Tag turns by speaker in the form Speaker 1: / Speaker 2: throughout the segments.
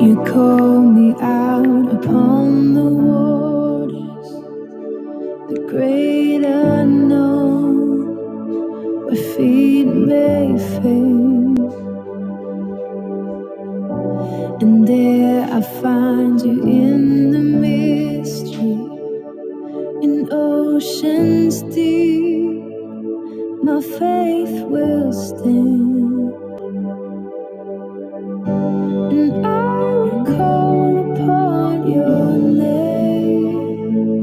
Speaker 1: You call me out upon the water, the great unknown. where feet may fail, and there I find you in the mystery, in oceans deep. My faith will stand, and I will call upon your name.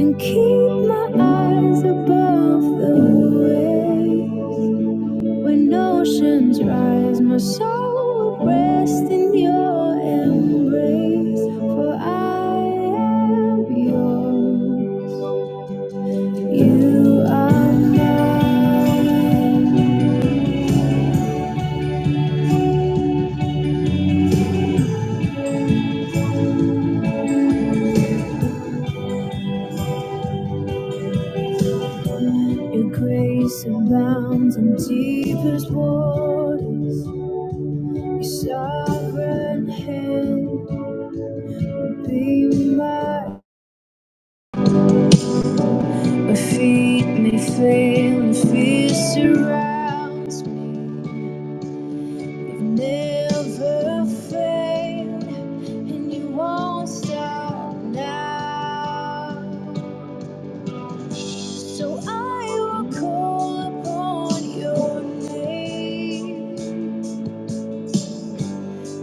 Speaker 1: and keep my eyes above the waves. When oceans rise, my soul will rest in your embrace. For I am yours, you are mine. Your grace abounds in deepest waters. Your sovereign hand will be mine. My feet may fail and fear surrounds me. You've never failed, and you won't stop now. So I will call upon your name.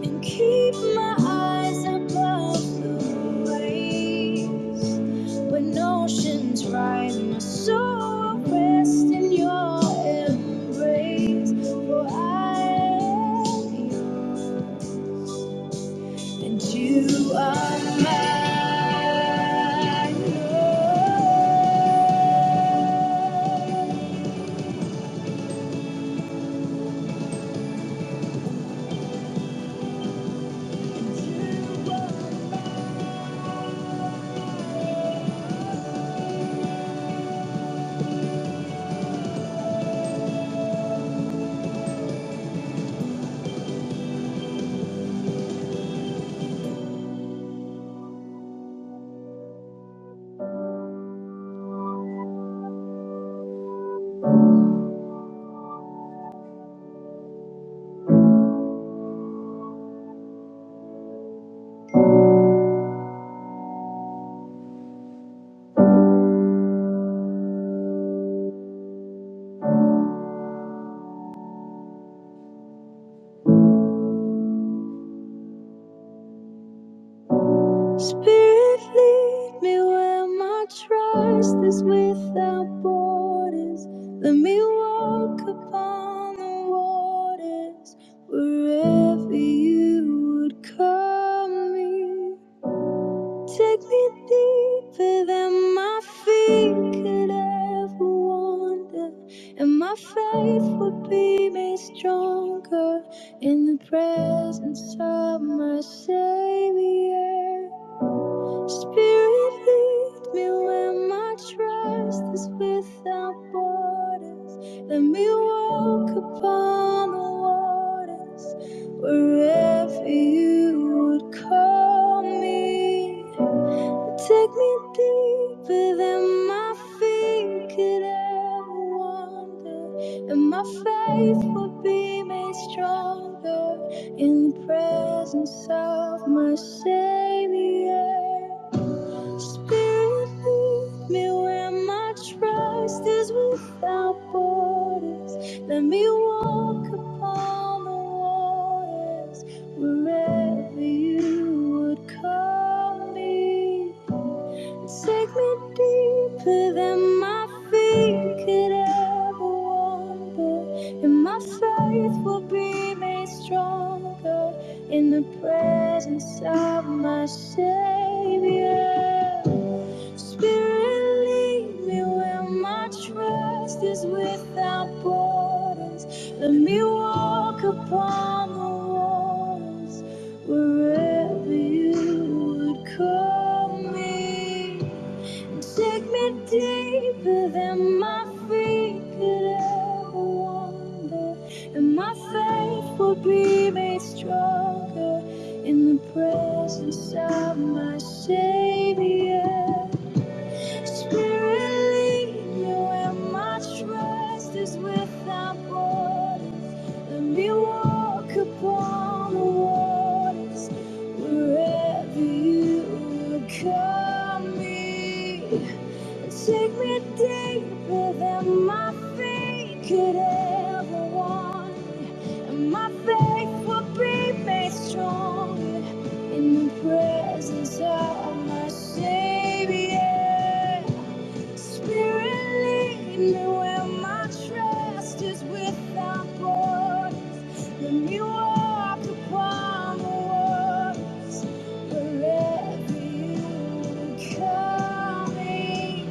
Speaker 1: And keep my eyes above the waves. When oceans rise, my soul will rest in your embrace. For I am yours, and you are mine. Spirit, lead me where my trust is without borders. Let me walk upon the waters wherever you would call me. Take me deeper than my feet could ever wander, and my faith would be made stronger in the presence of my Savior. Spirit, lead me where my trust is without borders. Let me walk upon the waters wherever you would call me. Take me deeper than my feet could ever wander, and my faith will be made stronger in the presence of my Savior. Spirit, lead me where my trust is without borders. Let me walk upon the waters wherever you would call me. Take me deeper than my feet could ever wander, and my faith will be made stronger in the presence of my Savior. Spirit, lead me where my trust is without borders. Let me walk upon the waters wherever you would call me and take me deeper than my feet could ever wander, and my faith will be made stronger in the presence of my Savior. Spirit, lead me where my trust is without borders. Let me walk upon the waters wherever you would call me. Take me deeper than my feet could ever want. And my faith will be made strong in the presence of my Savior. Spirit, lead me where my trust is without borders. Let me walk upon the waters wherever you call me.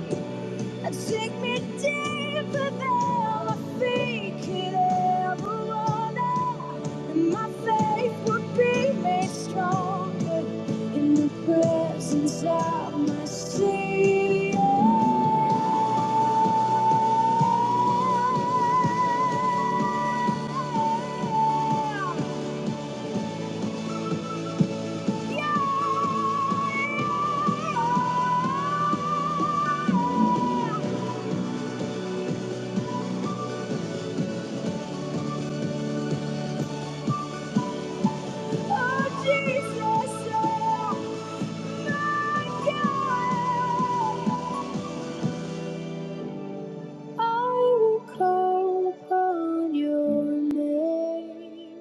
Speaker 1: Take me deeper than my feet could ever wander, and my faith would be made stronger in the presence of my Savior. Yeah, oh Jesus, oh my God. I will call upon your name.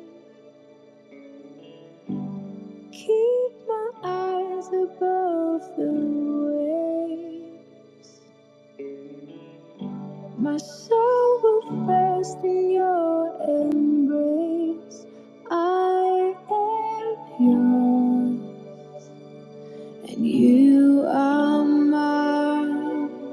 Speaker 1: Keep my eyes above the waves. My soul will rest in your embrace. I am yours, and you are mine.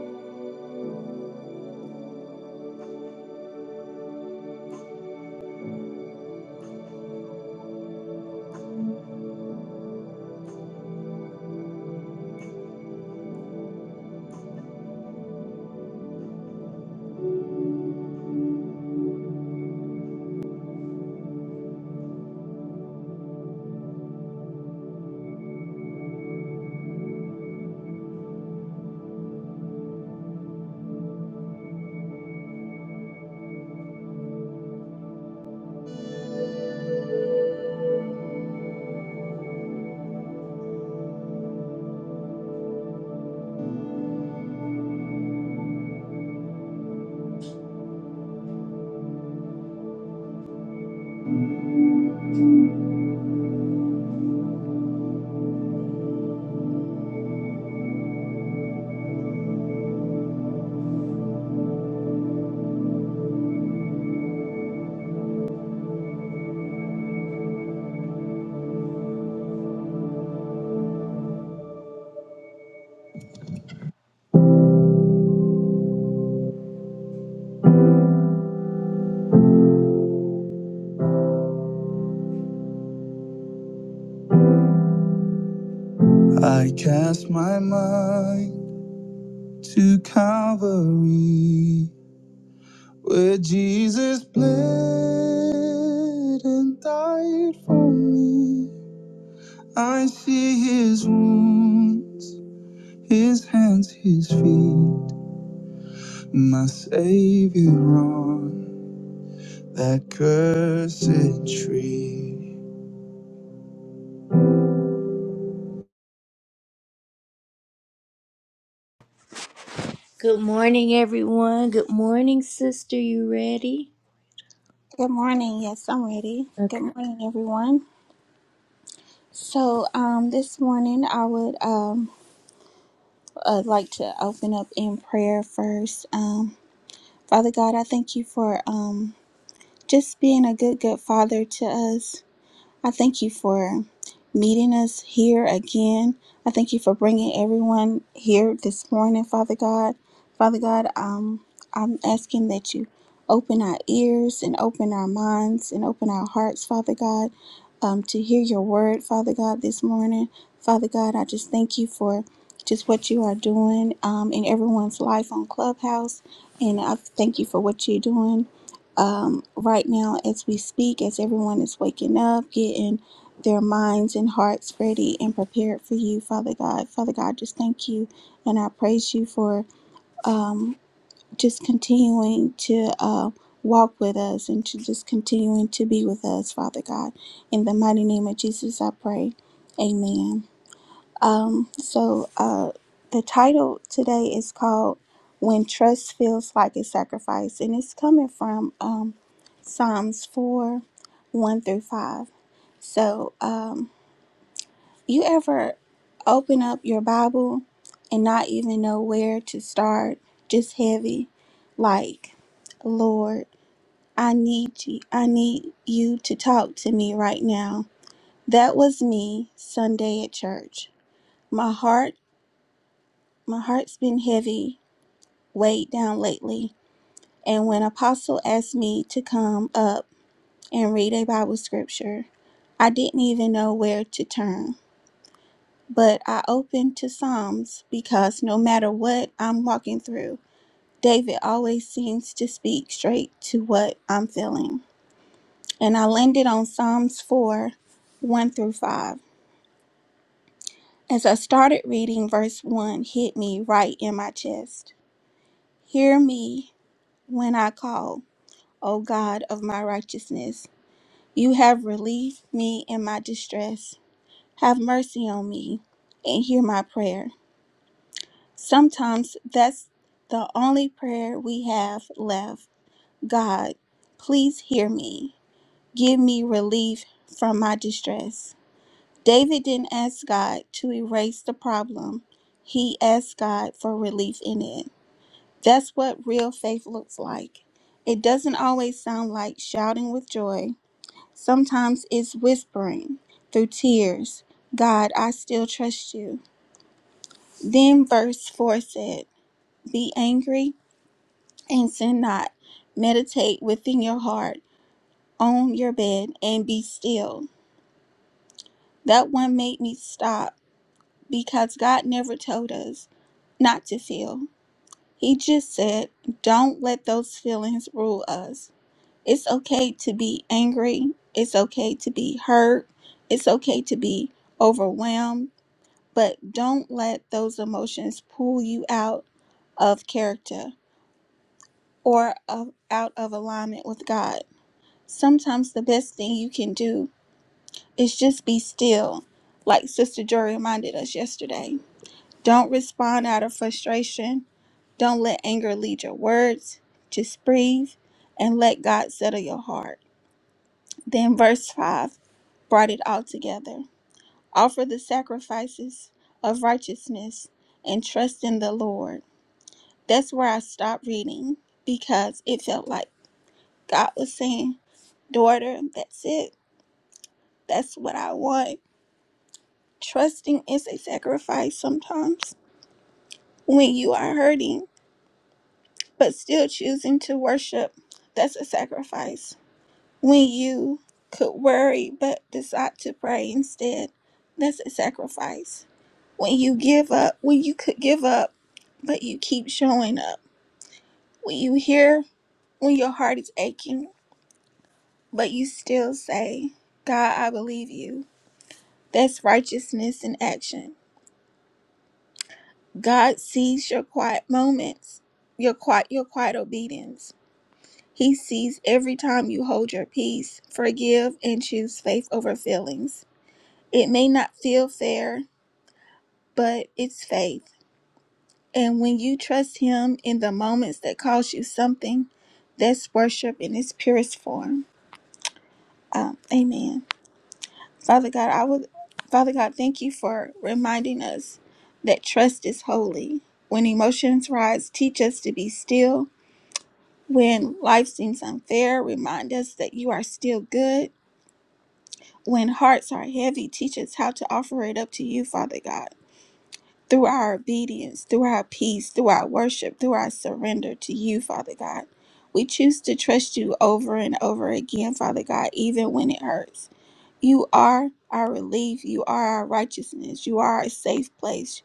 Speaker 1: I cast my mind to Calvary Where Jesus bled and died for me, I see his wounds, his hands, his feet, my Savior on that cursed tree. Good morning, everyone. Good morning, sister. You ready?
Speaker 2: Good morning. Yes, I'm ready. Good
Speaker 1: Okay.
Speaker 2: morning, everyone. So, um, this morning I would um uh, like to open up in prayer first. Um, Father God, I thank you for um just being a good, good father to us. I thank you for meeting us here again. I thank you for bringing everyone here this morning, Father God. Father God, um, I'm asking that you open our ears and open our minds and open our hearts, Father God, um, to hear your word, Father God, this morning. Father God, I just thank you for just what you are doing um, in everyone's life on Clubhouse. And I thank you for what you're doing um, right now as we speak, as everyone is waking up, getting their minds and hearts ready and prepared for you, Father God. Father God, just thank you and I praise you for um, just continuing to uh, walk with us and to just continuing to be with us, Father God. In the mighty name of Jesus, I pray. Amen. Um, so uh, the title today is called "When Trust Feels Like a Sacrifice," and it's coming from um, Psalms four, one through five. So, um, you ever open up your Bible and not even know where to start? Just heavy, like, Lord, I need you. I need you to talk to me right now. That was me Sunday at church. My heart My heart's been heavy, weighed down lately, and when Apostle asked me to come up and read a Bible scripture, I didn't even know where to turn. But I opened to Psalms because no matter what I'm walking through, David always seems to speak straight to what I'm feeling. And I landed on Psalms 4 1 through 5. As I started reading, verse 1 hit me right in my chest. Hear me when I call. O God of my righteousness. You have relieved me in my distress. Have mercy on me and hear my prayer. Sometimes that's the only prayer we have left. God, please hear me. Give me relief from my distress. David didn't ask God to erase the problem, he asked God for relief in it. That's what real faith looks like. It doesn't always sound like shouting with joy Sometimes it's whispering through tears, God, I still trust you. Then verse 4 said, Be angry and sin not. Meditate within your heart, on your bed, and be still. That one made me stop because God never told us not to feel. He just said, Don't let those feelings rule us. It's okay to be angry. It's okay to be hurt. It's okay to be overwhelmed but don't let those emotions pull you out of character or of, out of alignment with God. Sometimes the best thing you can do is just be still, like Sister Joy reminded us yesterday. Don't respond out of frustration. Don't let anger lead your words. Just breathe and let God settle your heart. Then, verse 5 brought it all together. Offer the sacrifices of righteousness and trust in the Lord That's where I stopped reading because it felt like God was saying, Daughter, that's it. That's what I want. Trusting is a sacrifice sometimes when you are hurting, but still choosing to worship. That's a sacrifice. When you could worry but decide to pray instead, that's a sacrifice. When you give up, when you could give up, but you keep showing up. When you hear, when your heart is aching, But you still say, God, I believe you. That's righteousness in action. God sees your quiet moments, your quiet your quiet obedience. He sees every time you hold your peace, forgive, and choose faith over feelings. It may not feel fair, but it's faith. And when you trust him in the moments that cost you something, that's worship in its purest form. Um, amen. Father God, I would Father God, thank you for reminding us that trust is holy. When emotions rise, teach us to be still. When life seems unfair, remind us that you are still good. When hearts are heavy, teach us how to offer it up to you, Father God. Through our obedience, through our peace, through our worship, through our surrender to you, Father God. We choose to trust you over and over again, Father God, even when it hurts. You are our relief. You are our righteousness. You are a safe place.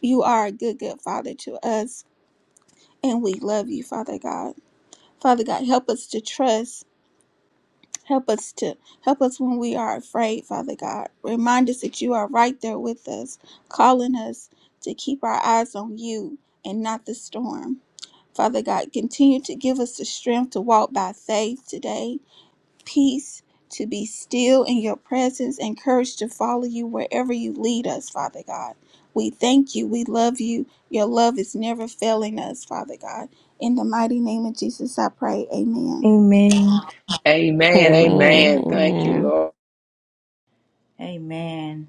Speaker 2: You are a good, good Father to us. And we love you, Father God. Father God, help us to trust. Help us to help us when we are afraid, Father God. Remind us that you are right there with us, calling us to keep our eyes on you and not the storm. Father God, continue to give us the strength to walk by faith today peace to be still in your presence and courage to follow you wherever you lead us, Father God. We thank you. We love you. Your love is never failing us, Father God. In the mighty name of Jesus, I pray. Amen.
Speaker 1: Amen.
Speaker 3: Amen.
Speaker 4: Amen.
Speaker 3: Amen. Thank you,
Speaker 4: Amen.
Speaker 3: Lord.
Speaker 5: Amen.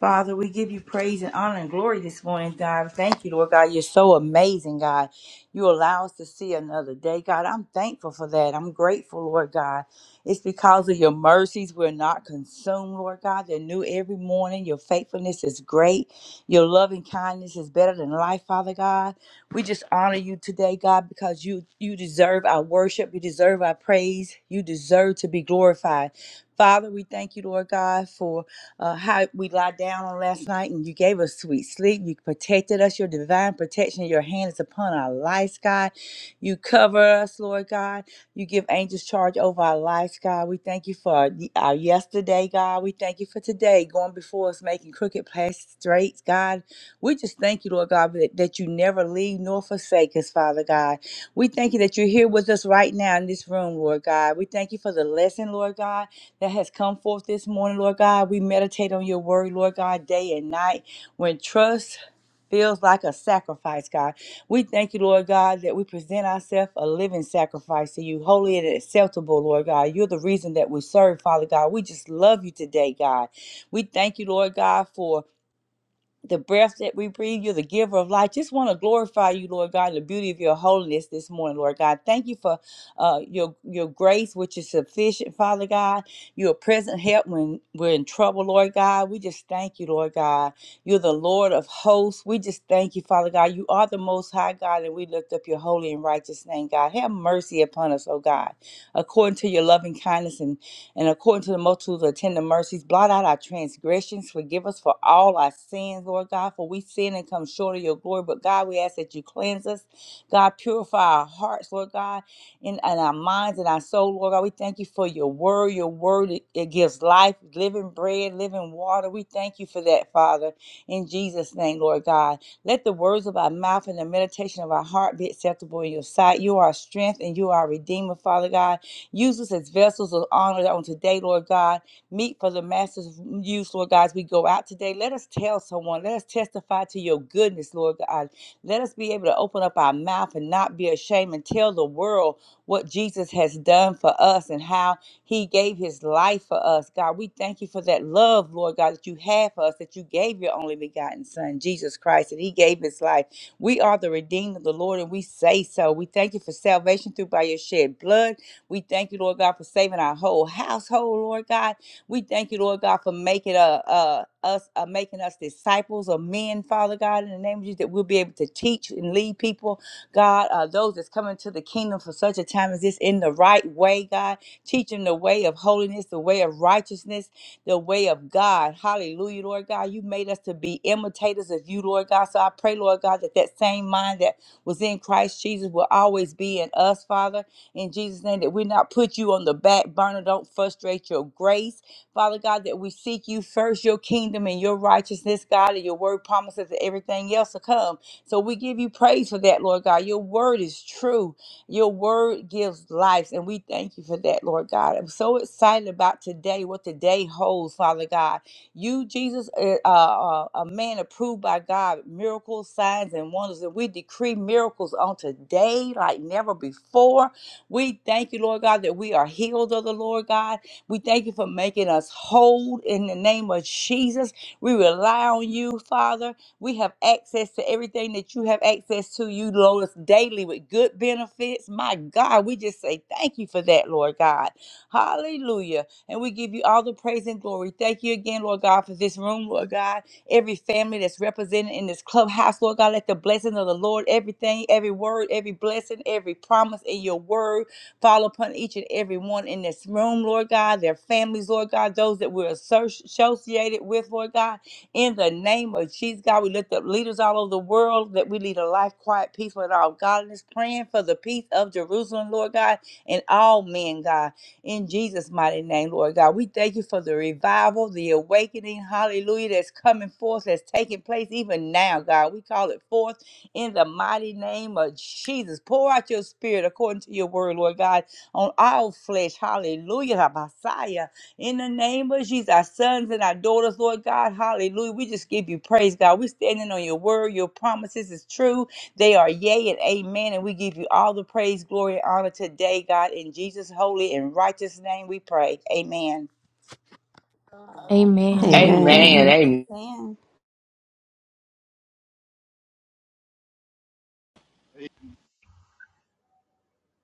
Speaker 5: Father, we give you praise and honor and glory this morning, God. Thank you, Lord God. You're so amazing, God. You allow us to see another day, God. I'm thankful for that. I'm grateful, Lord God. It's because of your mercies we're not consumed, Lord God. They're new every morning. Your faithfulness is great. Your loving kindness is better than life, Father God. We just honor you today, God, because you you deserve our worship. You deserve our praise. You deserve to be glorified. Father, we thank you, Lord God, for uh, how we lie down on last night and you gave us sweet sleep. You protected us, your divine protection. Your hand is upon our lives, God. You cover us, Lord God. You give angels charge over our lives, God. We thank you for our, our yesterday, God. We thank you for today, going before us, making crooked paths straight, God. We just thank you, Lord God, that, that you never leave nor forsake us, Father God. We thank you that you're here with us right now in this room, Lord God. We thank you for the lesson, Lord God that has come forth this morning, Lord God. We meditate on your word, Lord God, day and night. When trust feels like a sacrifice, God, we thank you, Lord God, that we present ourselves a living sacrifice to you, holy and acceptable, Lord God. You're the reason that we serve, Father God. We just love you today, God. We thank you, Lord God, for the breath that we breathe. You're the giver of life. Just want to glorify you, Lord God, in the beauty of your holiness this morning, Lord God. Thank you for uh, your your grace, which is sufficient, Father God. You're a present help when we're in trouble, Lord God. We just thank you, Lord God. You're the Lord of hosts. We just thank you, Father God. You are the Most High God, and we lift up your holy and righteous name, God. Have mercy upon us, oh God, according to your loving kindness and and according to the multitude of tender mercies, blot out our transgressions. Forgive us for all our sins, Lord God, for we sin and come short of your glory. But God, we ask that you cleanse us. God, purify our hearts, Lord God, in, and our minds and our soul, Lord God. We thank you for your word. Your word, it, it gives life, living bread, living water. We thank you for that, Father, in Jesus' name, Lord God. Let the words of our mouth and the meditation of our heart be acceptable in your sight. You are our strength and you are our redeemer, Father God. Use us as vessels of honor on today, Lord God. Meet for the master's use, Lord God, as we go out today. Let us tell someone. Let us testify to your goodness, Lord God. Let us be able to open up our mouth and not be ashamed and tell the world what Jesus has done for us and how he gave his life for us. God, we thank you for that love, Lord God, that you have for us, that you gave your only begotten Son, Jesus Christ, that he gave his life. We are the redeemed of the Lord, and we say so. We thank you for salvation through by your shed blood. We thank you, Lord God, for saving our whole household, Lord God. We thank you, Lord God, for making uh, uh, us uh, making us disciples of men, Father God, in the name of Jesus, that we'll be able to teach and lead people, God, uh, those that's coming to the kingdom for such a time as this in the right way, God. Teach them the way of holiness, the way of righteousness, the way of God. Hallelujah, Lord God. You made us to be imitators of you, Lord God. So I pray, Lord God, that that same mind that was in Christ Jesus will always be in us, Father in Jesus' name, that we not put you on the back burner. Don't frustrate your grace. Father God, that we seek you first, your kingdom and your righteousness, God, and your word promises that everything else will come. So we give you praise for that, Lord God. Your word is true. Your word gives life, and we thank you for that, Lord God. I'm so excited about today, what today holds, Father God. You, Jesus, uh, uh, uh, a man approved by God, miracles, signs, and wonders. And we decree miracles on today like never before. We thank you, Lord God, that we are healed of the Lord God. We thank you for making us whole in the name of Jesus. We rely on you, Father. We have access to everything that you have access to. You load us daily with good benefits. My God, we just say thank you for that, Lord God. Hallelujah. And we give you all the praise and glory. Thank you again, Lord God, for this room, Lord God every family that's represented in this clubhouse, Lord God. Let the blessings of the Lord, everything, every word, every blessing, every promise in your word fall upon each and every one in this room, Lord God, their families, Lord God, those that we're associ- associated with, Lord God. In the name of Jesus, God, we lift up leaders all over the world that we lead a life quiet, peaceful, and all godliness, praying for the peace of Jerusalem, Lord God, and all men, God in Jesus' mighty name, Lord God. We thank you for the revival, the awakening, hallelujah, that's coming forth, that's taking place even now, God. We call it forth in the mighty name of Jesus. Pour out your spirit according to your word, Lord God, on all flesh, hallelujah, Messiah. In the name of Jesus, our sons and our daughters, Lord God, hallelujah. We just give you praise, God. We're standing on your word, your promises is true they are yea and amen. And we give you all the praise, glory, and honor today, God. In Jesus' holy and righteous name we pray. Amen.
Speaker 1: Amen.
Speaker 3: Amen.
Speaker 4: Amen.
Speaker 3: Amen.
Speaker 2: Amen.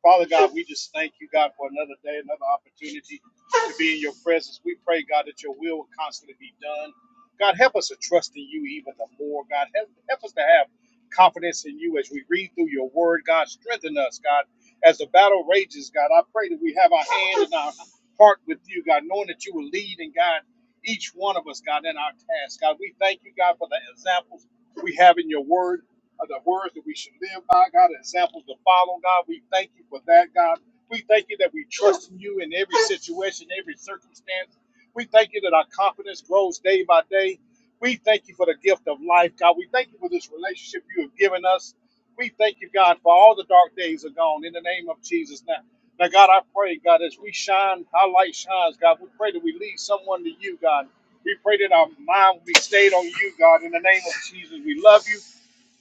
Speaker 6: Father God, we just thank you, God, for another day, another opportunity to be in your presence. We pray, God, that your will will constantly be done. God, help us to trust in you even the more. God, help, help us to have confidence in you as we read through your word. God, strengthen us, God, as the battle rages, God. I pray that we have our hand and our heart with you, God, knowing that you will lead and guide each one of us, God, in our task. God, we thank you, God, for the examples we have in your word of the words that we should live by, God, examples to follow, God. We thank you for that, God. We thank you that we trust in you in every situation, every circumstance. We thank you that our confidence grows day by day. We thank you for the gift of life, God. We thank you for this relationship you have given us. We thank you, God, for all the dark days are gone in the name of Jesus. Now, now, God, I pray, God, as we shine, our light shines, God. We pray that we lead someone to you, God. We pray that our mind will be stayed on you, God, in the name of Jesus. We love you.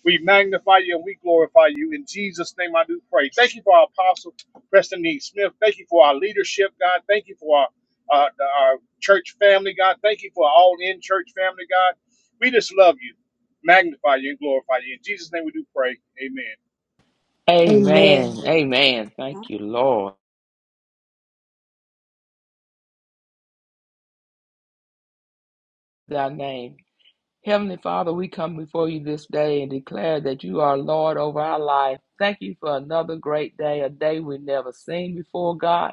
Speaker 6: We magnify you and we glorify you. In Jesus' name, I do pray. Thank you for our apostle, Preston E. Smith. Thank you for our leadership, God. Thank you for our, uh, our church family, God. Thank you for all in church family, God. We just love you, magnify you, and glorify you. In Jesus' name, we do pray. Amen.
Speaker 1: Amen.
Speaker 3: Amen. Amen. Thank you, Lord. Thy name. Heavenly Father, we come before you this day and declare that you are Lord over our life. Thank you for another great day, a day we've never seen before, God.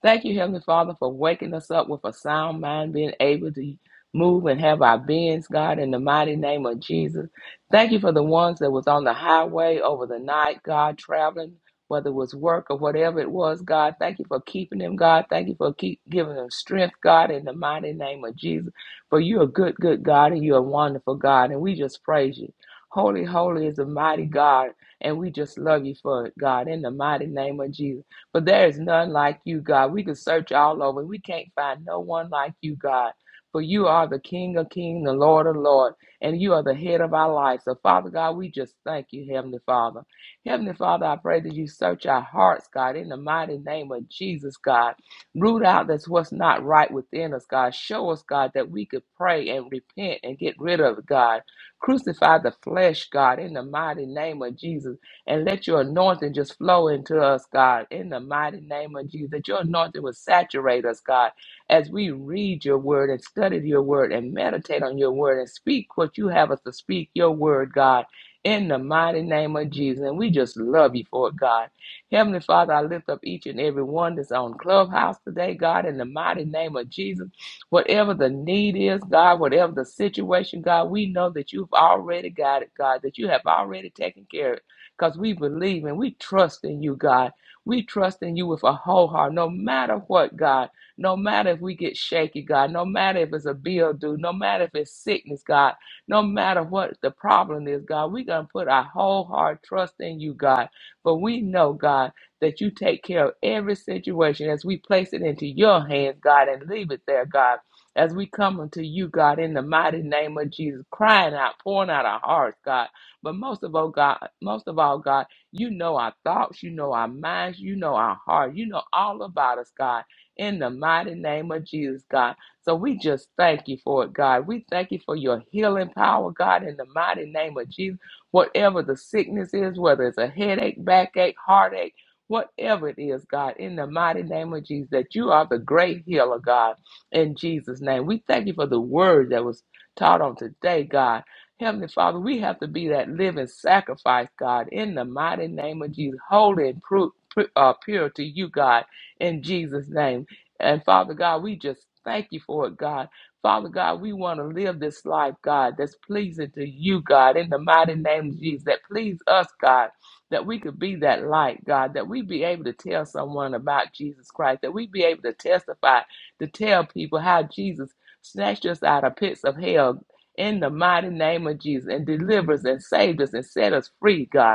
Speaker 3: Thank you, Heavenly Father, for waking us up with a sound mind, being able to move and have our beings, God, in the mighty name of Jesus. Thank you for the ones that was on the highway over the night, God, traveling, whether it was work or whatever it was, God. Thank you for keeping them, God. Thank you for keep giving them strength, God, in the mighty name of Jesus. For you're a good, good God, and you're a wonderful God, and we just praise you. Holy, holy is the mighty God, and we just love you for it, God, in the mighty name of Jesus. But there is none like you, God. We could search all over. We can't find no one like you, God. For you are the King of kings, the Lord of lords, and you are the head of our life. So, Father God, we just thank you, Heavenly Father. Heavenly Father, I pray that you search our hearts, God, in the mighty name of Jesus, God. Root out that's what's not right within us, God. Show us, God, that we could pray and repent and get rid of it, God. Crucify the flesh, God, in the mighty name of Jesus and let your anointing just flow into us, God, in the mighty name of Jesus. That your anointing will saturate us, God, as we read your word and study your word and meditate on your word and speak what you have us to speak, your word, God, in the mighty name of Jesus. And we just love you for it, God. Heavenly Father, I lift up each and every one that's on Clubhouse today, God, in the mighty name of Jesus. Whatever the need is, God, whatever the situation, God, we know that you've already got it, God, that you have already taken care of because we believe and we trust in you, God. We trust in you with a whole heart, no matter what, God. No matter if we get shaky, God. No matter if it's a bill due. No matter if it's sickness, God. No matter what the problem is, God. We're going to put our whole heart trust in you, God. For we know, God, that you take care of every situation as we place it into your hands, God, and leave it there, God. As we come unto you, God, in the mighty name of Jesus, crying out, pouring out our hearts, God but most of all, God, most of all, God, you know our thoughts, you know our minds, you know our heart, you know all about us, God, in the mighty name of Jesus, God. So we just thank you for it, God. We thank you for your healing power, God, in the mighty name of Jesus. Whatever the sickness is, whether it's a headache, backache, heartache, whatever it is, God, in the mighty name of Jesus, that you are the great healer, God, in Jesus' name. We thank you for the word that was taught on today, God. Heavenly Father, we have to be that living sacrifice, God, in the mighty name of Jesus. Holy and pru- pru- uh, pure to you, God, in Jesus' name. And Father God, we just thank you for it, God. Father God, we want to live this life, God, that's pleasing to you, God, in the mighty name of Jesus, that please us, God, that we could be that light, God, that we be able to tell someone about Jesus Christ, that we be able to testify, to tell people how Jesus snatched us out of pits of hell, in the mighty name of Jesus and delivers and saves us and set us free, God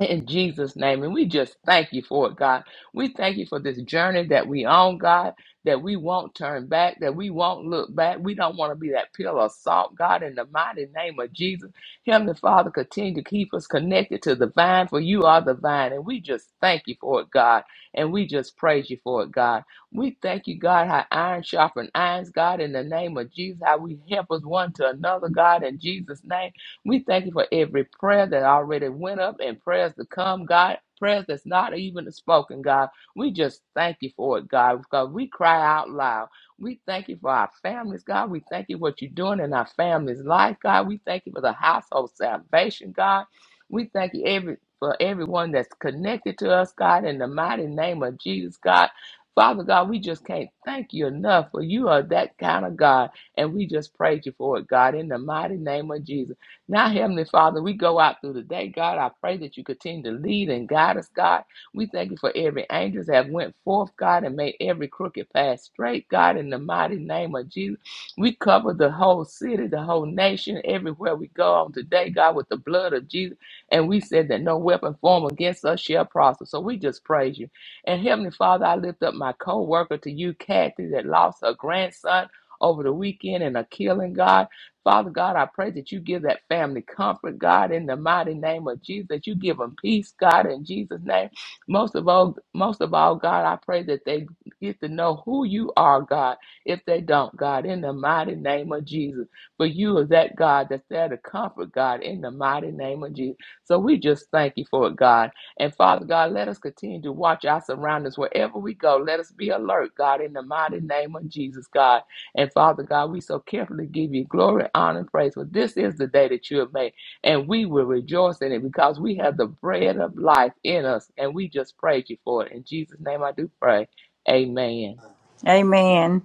Speaker 3: in Jesus' name. And we just thank you for it, God. We thank you for this journey that we on, God, that we won't turn back, that we won't look back. We don't want to be that pillar of salt, God, in the mighty name of Jesus. Him, the Father, continue to keep us connected to the vine, for you are the vine. And we just thank you for it, God. And we just praise you for it, God. We thank you, God, how iron sharpens irons, God, in the name of Jesus, how we help us one to another, God, in Jesus' name. We thank you for every prayer that already went up and prayers to come, God. Prayers that's not even spoken, God. We just thank you for it, God, because we cry out loud. We thank you for our families, God. We thank you for what you're doing in our families' life, God. We thank you for the household salvation, God. We thank you every for everyone that's connected to us, God, in the mighty name of Jesus, God. Father God, we just can't thank you enough for you are that kind of God. And we just praise you for it, God, in the mighty name of Jesus. Now, Heavenly Father, we go out through the day. God, I pray that you continue to lead and guide us, God. We thank you for every angels that have went forth, God, and made every crooked path straight, God, in the mighty name of Jesus. We cover the whole city, the whole nation, everywhere we go on today, God, with the blood of Jesus. And we said that no weapon formed against us shall prosper. So we just praise you. And Heavenly Father, I lift up my co-worker to you, Kathy, that lost her grandson over the weekend in a killing, God. Father God, I pray that you give that family comfort, God, in the mighty name of Jesus, that you give them peace, God, in Jesus' name. Most of all, most of all, God, I pray that they get to know who you are, God, if they don't, God, in the mighty name of Jesus. But you are that God that's there to comfort, God, in the mighty name of Jesus. So we just thank you for it, God. And Father God, let us continue to watch our surroundings wherever we go. Let us be alert, God, in the mighty name of Jesus, God. And Father God, we so carefully give you glory, honor, and praise. For this is the day that you have made, and we will rejoice in it because we have the bread of life in us, and we just praise you for it. In Jesus' name, I do pray. Amen.
Speaker 5: Amen.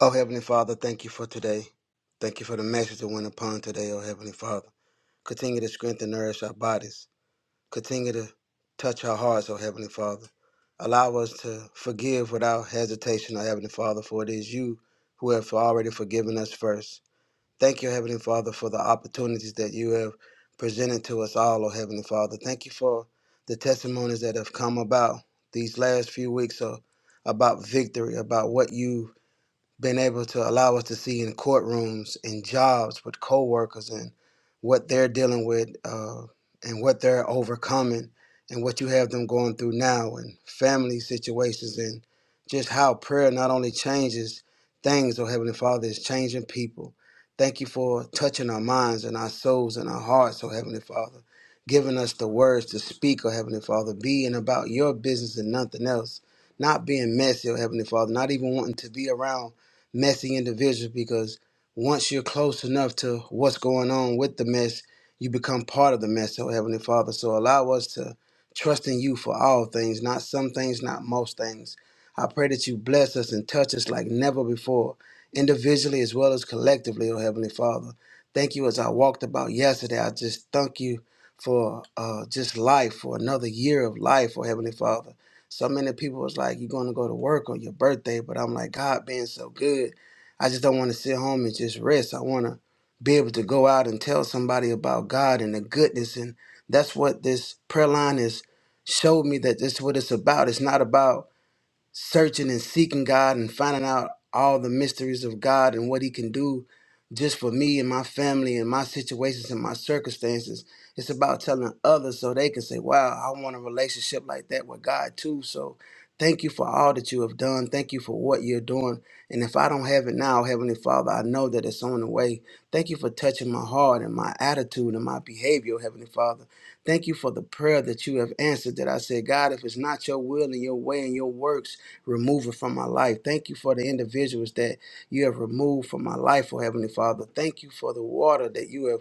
Speaker 7: Oh, Heavenly Father, thank you for today. Thank you for the message that went upon today, oh Heavenly Father. Continue to strengthen and nourish our bodies. Continue to touch our hearts, oh Heavenly Father. Allow us to forgive without hesitation, oh Heavenly Father, for it is you who have already forgiven us first. Thank you, Heavenly Father, for the opportunities that you have presented to us all, oh Heavenly Father. Thank you for the testimonies that have come about these last few weeks oh, about victory, about what you been able to allow us to see in courtrooms and jobs with coworkers and what they're dealing with uh, and what they're overcoming and what you have them going through now and family situations and just how prayer not only changes things, oh Heavenly Father, it's changing people. Thank you for touching our minds and our souls and our hearts, oh Heavenly Father, giving us the words to speak, oh Heavenly Father, being about your business and nothing else, not being messy, oh Heavenly Father, not even wanting to be around messy individuals because once you're close enough to what's going on with the mess, you become part of the mess, oh Heavenly Father. So allow us to trust in you for all things, not some things, not most things. I pray that you bless us and touch us like never before, individually as well as collectively, oh Heavenly Father. Thank you as I walked about yesterday. I just thank you for uh, just life, for another year of life, oh Heavenly Father. So many people was like, you're going to go to work on your birthday. But I'm like, God being so good, I just don't want to sit home and just rest. I want to be able to go out and tell somebody about God and the goodness. And that's what this prayer line is showed me that this is what it's about. It's not about searching and seeking God and finding out all the mysteries of God and what He can do just for me and my family and my situations and my circumstances. It's about telling others so they can say, Wow, I want a relationship like that with God too. So thank you for all that you have done. Thank you for what you're doing. And if I don't have it now, Heavenly Father, I know that it's on the way. Thank you for touching my heart and my attitude and my behavior, Heavenly Father. Thank you for the prayer that you have answered that I said, God, if it's not your will and your way and your works, remove it from my life. Thank you for the individuals that you have removed from my life, oh Heavenly Father. Thank you for the water that you have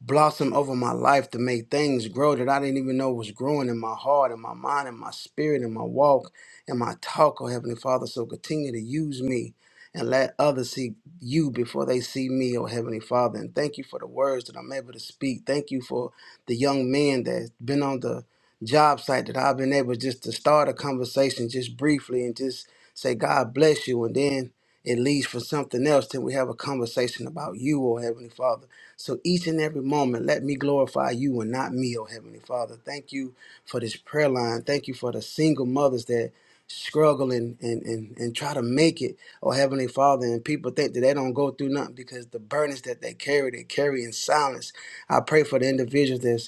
Speaker 7: blossom over my life to make things grow that I didn't even know was growing in my heart, in my mind, in my spirit, in my walk, in my talk, oh Heavenly Father. So continue to use me and let others see you before they see me, oh Heavenly Father. And thank you for the words that I'm able to speak. Thank you for the young men that's been on the job site that I've been able just to start a conversation just briefly and just say, God bless you. And then it leads for something else till we have a conversation about you, oh Heavenly Father. So each and every moment, let me glorify you and not me, oh Heavenly Father. Thank you for this prayer line. Thank you for the single mothers that struggle and, and, and, and try to make it, oh Heavenly Father. And people think that they don't go through nothing because the burdens that they carry, they carry in silence. I pray for the individuals that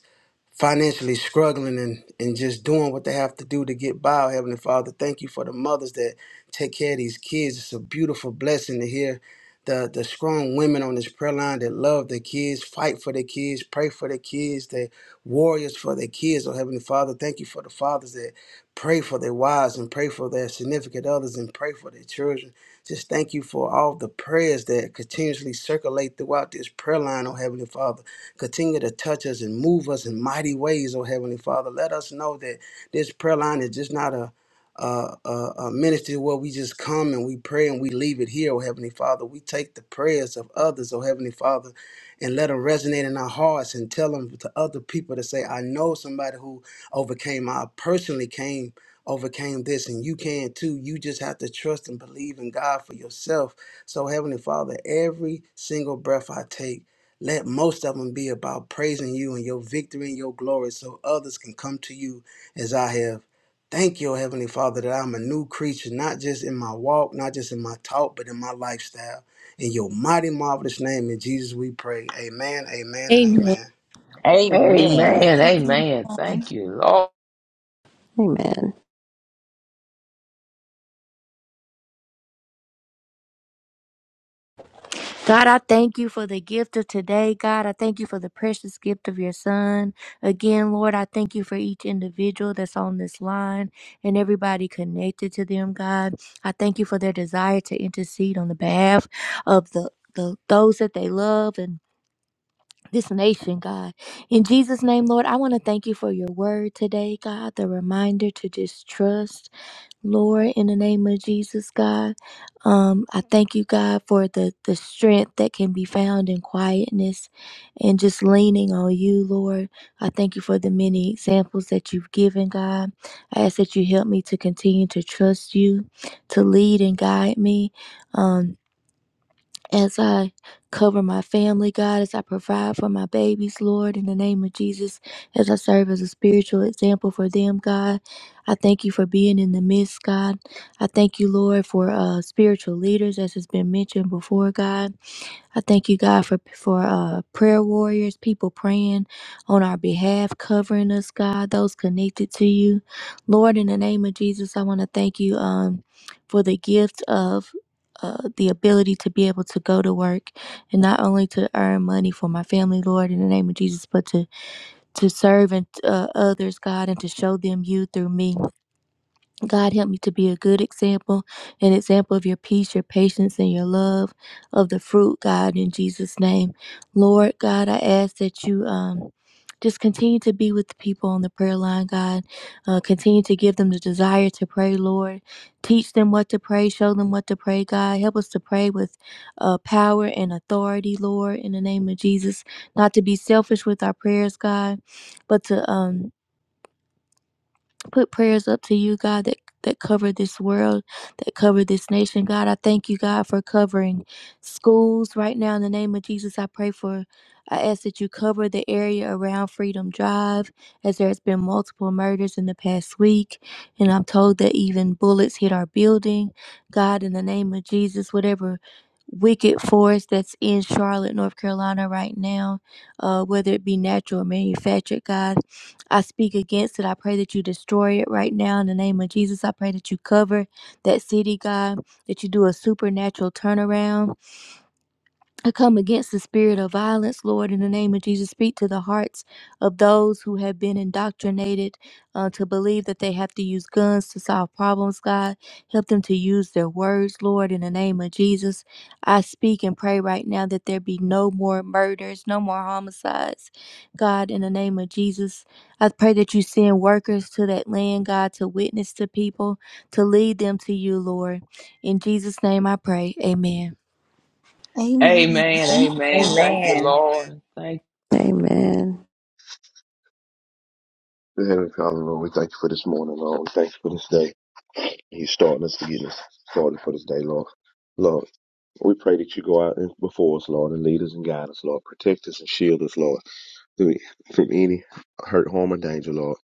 Speaker 7: financially struggling and, and just doing what they have to do to get by. Oh, Heavenly Father, thank you for the mothers that take care of these kids. It's a beautiful blessing to hear the, the strong women on this prayer line that love their kids, fight for their kids, pray for their kids, they warriors for their kids. Oh, Heavenly Father, thank you for the fathers that pray for their wives and pray for their significant others and pray for their children. Just thank you for all the prayers that continuously circulate throughout this prayer line, oh Heavenly Father. Continue to touch us and move us in mighty ways, oh Heavenly Father. Let us know that this prayer line is just not a uh, uh, uh, ministry where we just come and we pray and we leave it here, oh Heavenly Father. We take the prayers of others, oh Heavenly Father, and let them resonate in our hearts and tell them to other people to say, I know somebody who overcame, I personally came, overcame this, and you can too. You just have to trust and believe in God for yourself. So, Heavenly Father, every single breath I take, let most of them be about praising you and your victory and your glory so others can come to you as I have. Thank you, Heavenly Father, that I'm a new creature, not just in my walk, not just in my talk, but in my lifestyle. In your mighty, marvelous name, in Jesus we pray. Amen, amen, and
Speaker 1: Amen.
Speaker 7: amen.
Speaker 5: Amen.
Speaker 3: Amen. Amen. Thank you, Lord.
Speaker 4: Amen.
Speaker 1: God, I thank you for the gift of today. God, I thank you for the precious gift of your son. Again, Lord, I thank you for each individual that's on this line and everybody connected to them, God. I thank you for their desire to intercede on the behalf of the, the those that they love and this nation, God. In Jesus' name, Lord, I want to thank you for your word today, God, the reminder to just trust. Lord, in the name of Jesus, God, um, I thank you, God, for the, the strength that can be found in quietness and just leaning on you, Lord. I thank you for the many examples that you've given, God. I ask that you help me to continue to trust you, to lead and guide me. Um, as I cover my family, God, as I provide for my babies, Lord, in the name of Jesus, as I serve as a spiritual example for them, God, I thank you for being in the midst, God. I thank you, Lord, for uh, spiritual leaders, as has been mentioned before, God. I thank you, God, for for uh, prayer warriors, people praying on our behalf, covering us, God, those connected to you, Lord. In the name of Jesus, I want to thank you um, for the gift of uh, the ability to be able to go to work and not only to earn money for my family, Lord, in the name of Jesus, but to to serve and uh, others, God, and to show them you through me. God, help me to be a good example, an example of your peace, your patience, and your love of the fruit, God, in Jesus' name. Lord, God, I ask that you um, just continue to be with the people on the prayer line, God. Uh, continue to give them the desire to pray, Lord. Teach them what to pray, show them what to pray, God. Help us to pray with uh, power and authority, Lord, in the name of Jesus. Not to be selfish with our prayers, God, but to. Um, put prayers up to you, God, that, that cover this world, that cover this nation. God, I thank you, God, for covering schools right now. In the name of Jesus, I pray for, I ask that you cover the area around Freedom Drive, as there has been multiple murders in the past week. And I'm told that even bullets hit our building. God, in the name of Jesus, whatever wicked force that's in Charlotte, North Carolina right now, uh, whether it be natural or manufactured, God. I speak against it. I pray that you destroy it right now in the name of Jesus. I pray that you cover that city, God, that you do a supernatural turnaround I come against the spirit of violence, Lord, in the name of Jesus. Speak to the hearts of those who have been indoctrinated uh, to believe that they have to use guns to solve problems, God. Help them to use their words, Lord, in the name of Jesus. I speak and pray right now that there be no more murders, no more homicides, God, in the name of Jesus. I pray that you send workers to that land, God, to witness to people, to lead them to you, Lord. In Jesus' name I pray. Amen.
Speaker 2: Amen.
Speaker 3: Amen. Amen. Thank you,
Speaker 5: Amen.
Speaker 3: Lord. Thank.
Speaker 4: Amen.
Speaker 8: Dear Heavenly Father, Lord, we thank you for this morning, Lord. We thank you for this day. You starting us to get us started for this day, Lord. Lord, we pray that you go out and before us, Lord, and lead us and guide us, Lord. Protect us and shield us, Lord, through- from any hurt, harm, or danger, Lord.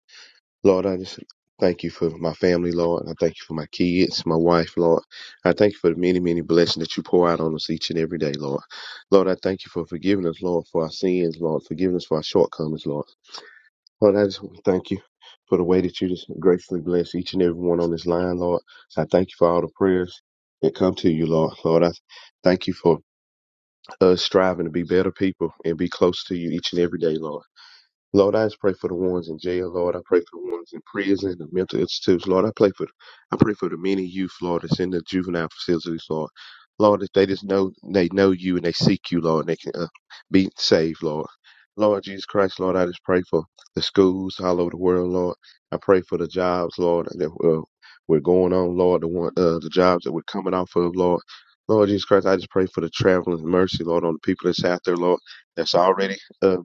Speaker 8: Lord, I just thank you for my family, Lord. I thank you for my kids, my wife, Lord. I thank you for the many, many blessings that you pour out on us each and every day, Lord. Lord, I thank you for forgiving us, Lord, for our sins, Lord, forgiving us for our shortcomings, Lord. Lord, I just want to thank you for the way that you just graciously bless each and every one on this line, Lord. So I thank you for all the prayers that come to you, Lord. Lord, I thank you for us striving to be better people and be close to you each and every day, Lord. Lord, I just pray for the ones in jail, Lord. I pray for the ones in prison, the mental institutes, Lord. I pray for I pray for the many youth, Lord, that's in the juvenile facilities, Lord. Lord, if they just know they know you and they seek you, Lord, and they can uh, be saved, Lord. Lord Jesus Christ, Lord, I just pray for the schools all over the world, Lord. I pray for the jobs, Lord, that uh, we're going on, Lord, the one uh, the jobs that we're coming off of, Lord. Lord Jesus Christ, I just pray for the traveling mercy, Lord, on the people that's out there, Lord, that's already uh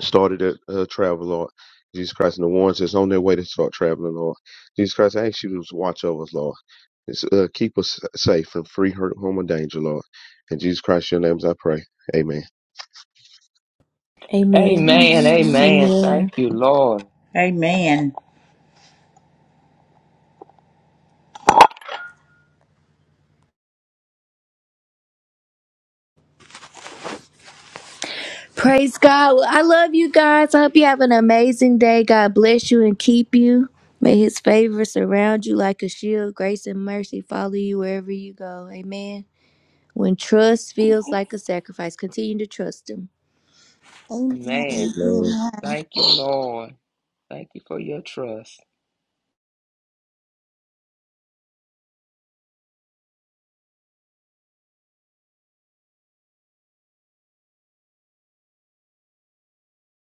Speaker 8: started to uh, travel, Lord. Jesus Christ, and the ones that's on their way to start traveling, Lord. Jesus Christ, I ask you to watch over us, Lord. It's, uh, keep us safe from free hurt, harm, and danger, Lord. In Jesus Christ, your names I pray. Amen.
Speaker 1: Amen.
Speaker 3: Amen.
Speaker 2: Amen.
Speaker 3: Amen. Thank
Speaker 1: Amen.
Speaker 3: you, Lord.
Speaker 5: Amen.
Speaker 1: Praise God. Well, I love you guys. I hope you have an amazing day. God bless you and keep you. May his favor surround you like a shield. Grace and mercy follow you wherever you go. Amen. When trust feels like a sacrifice, continue to trust him.
Speaker 2: Amen.
Speaker 3: Amen.
Speaker 8: Amen.
Speaker 2: Amen.
Speaker 3: Thank you, Lord. Thank you for your trust.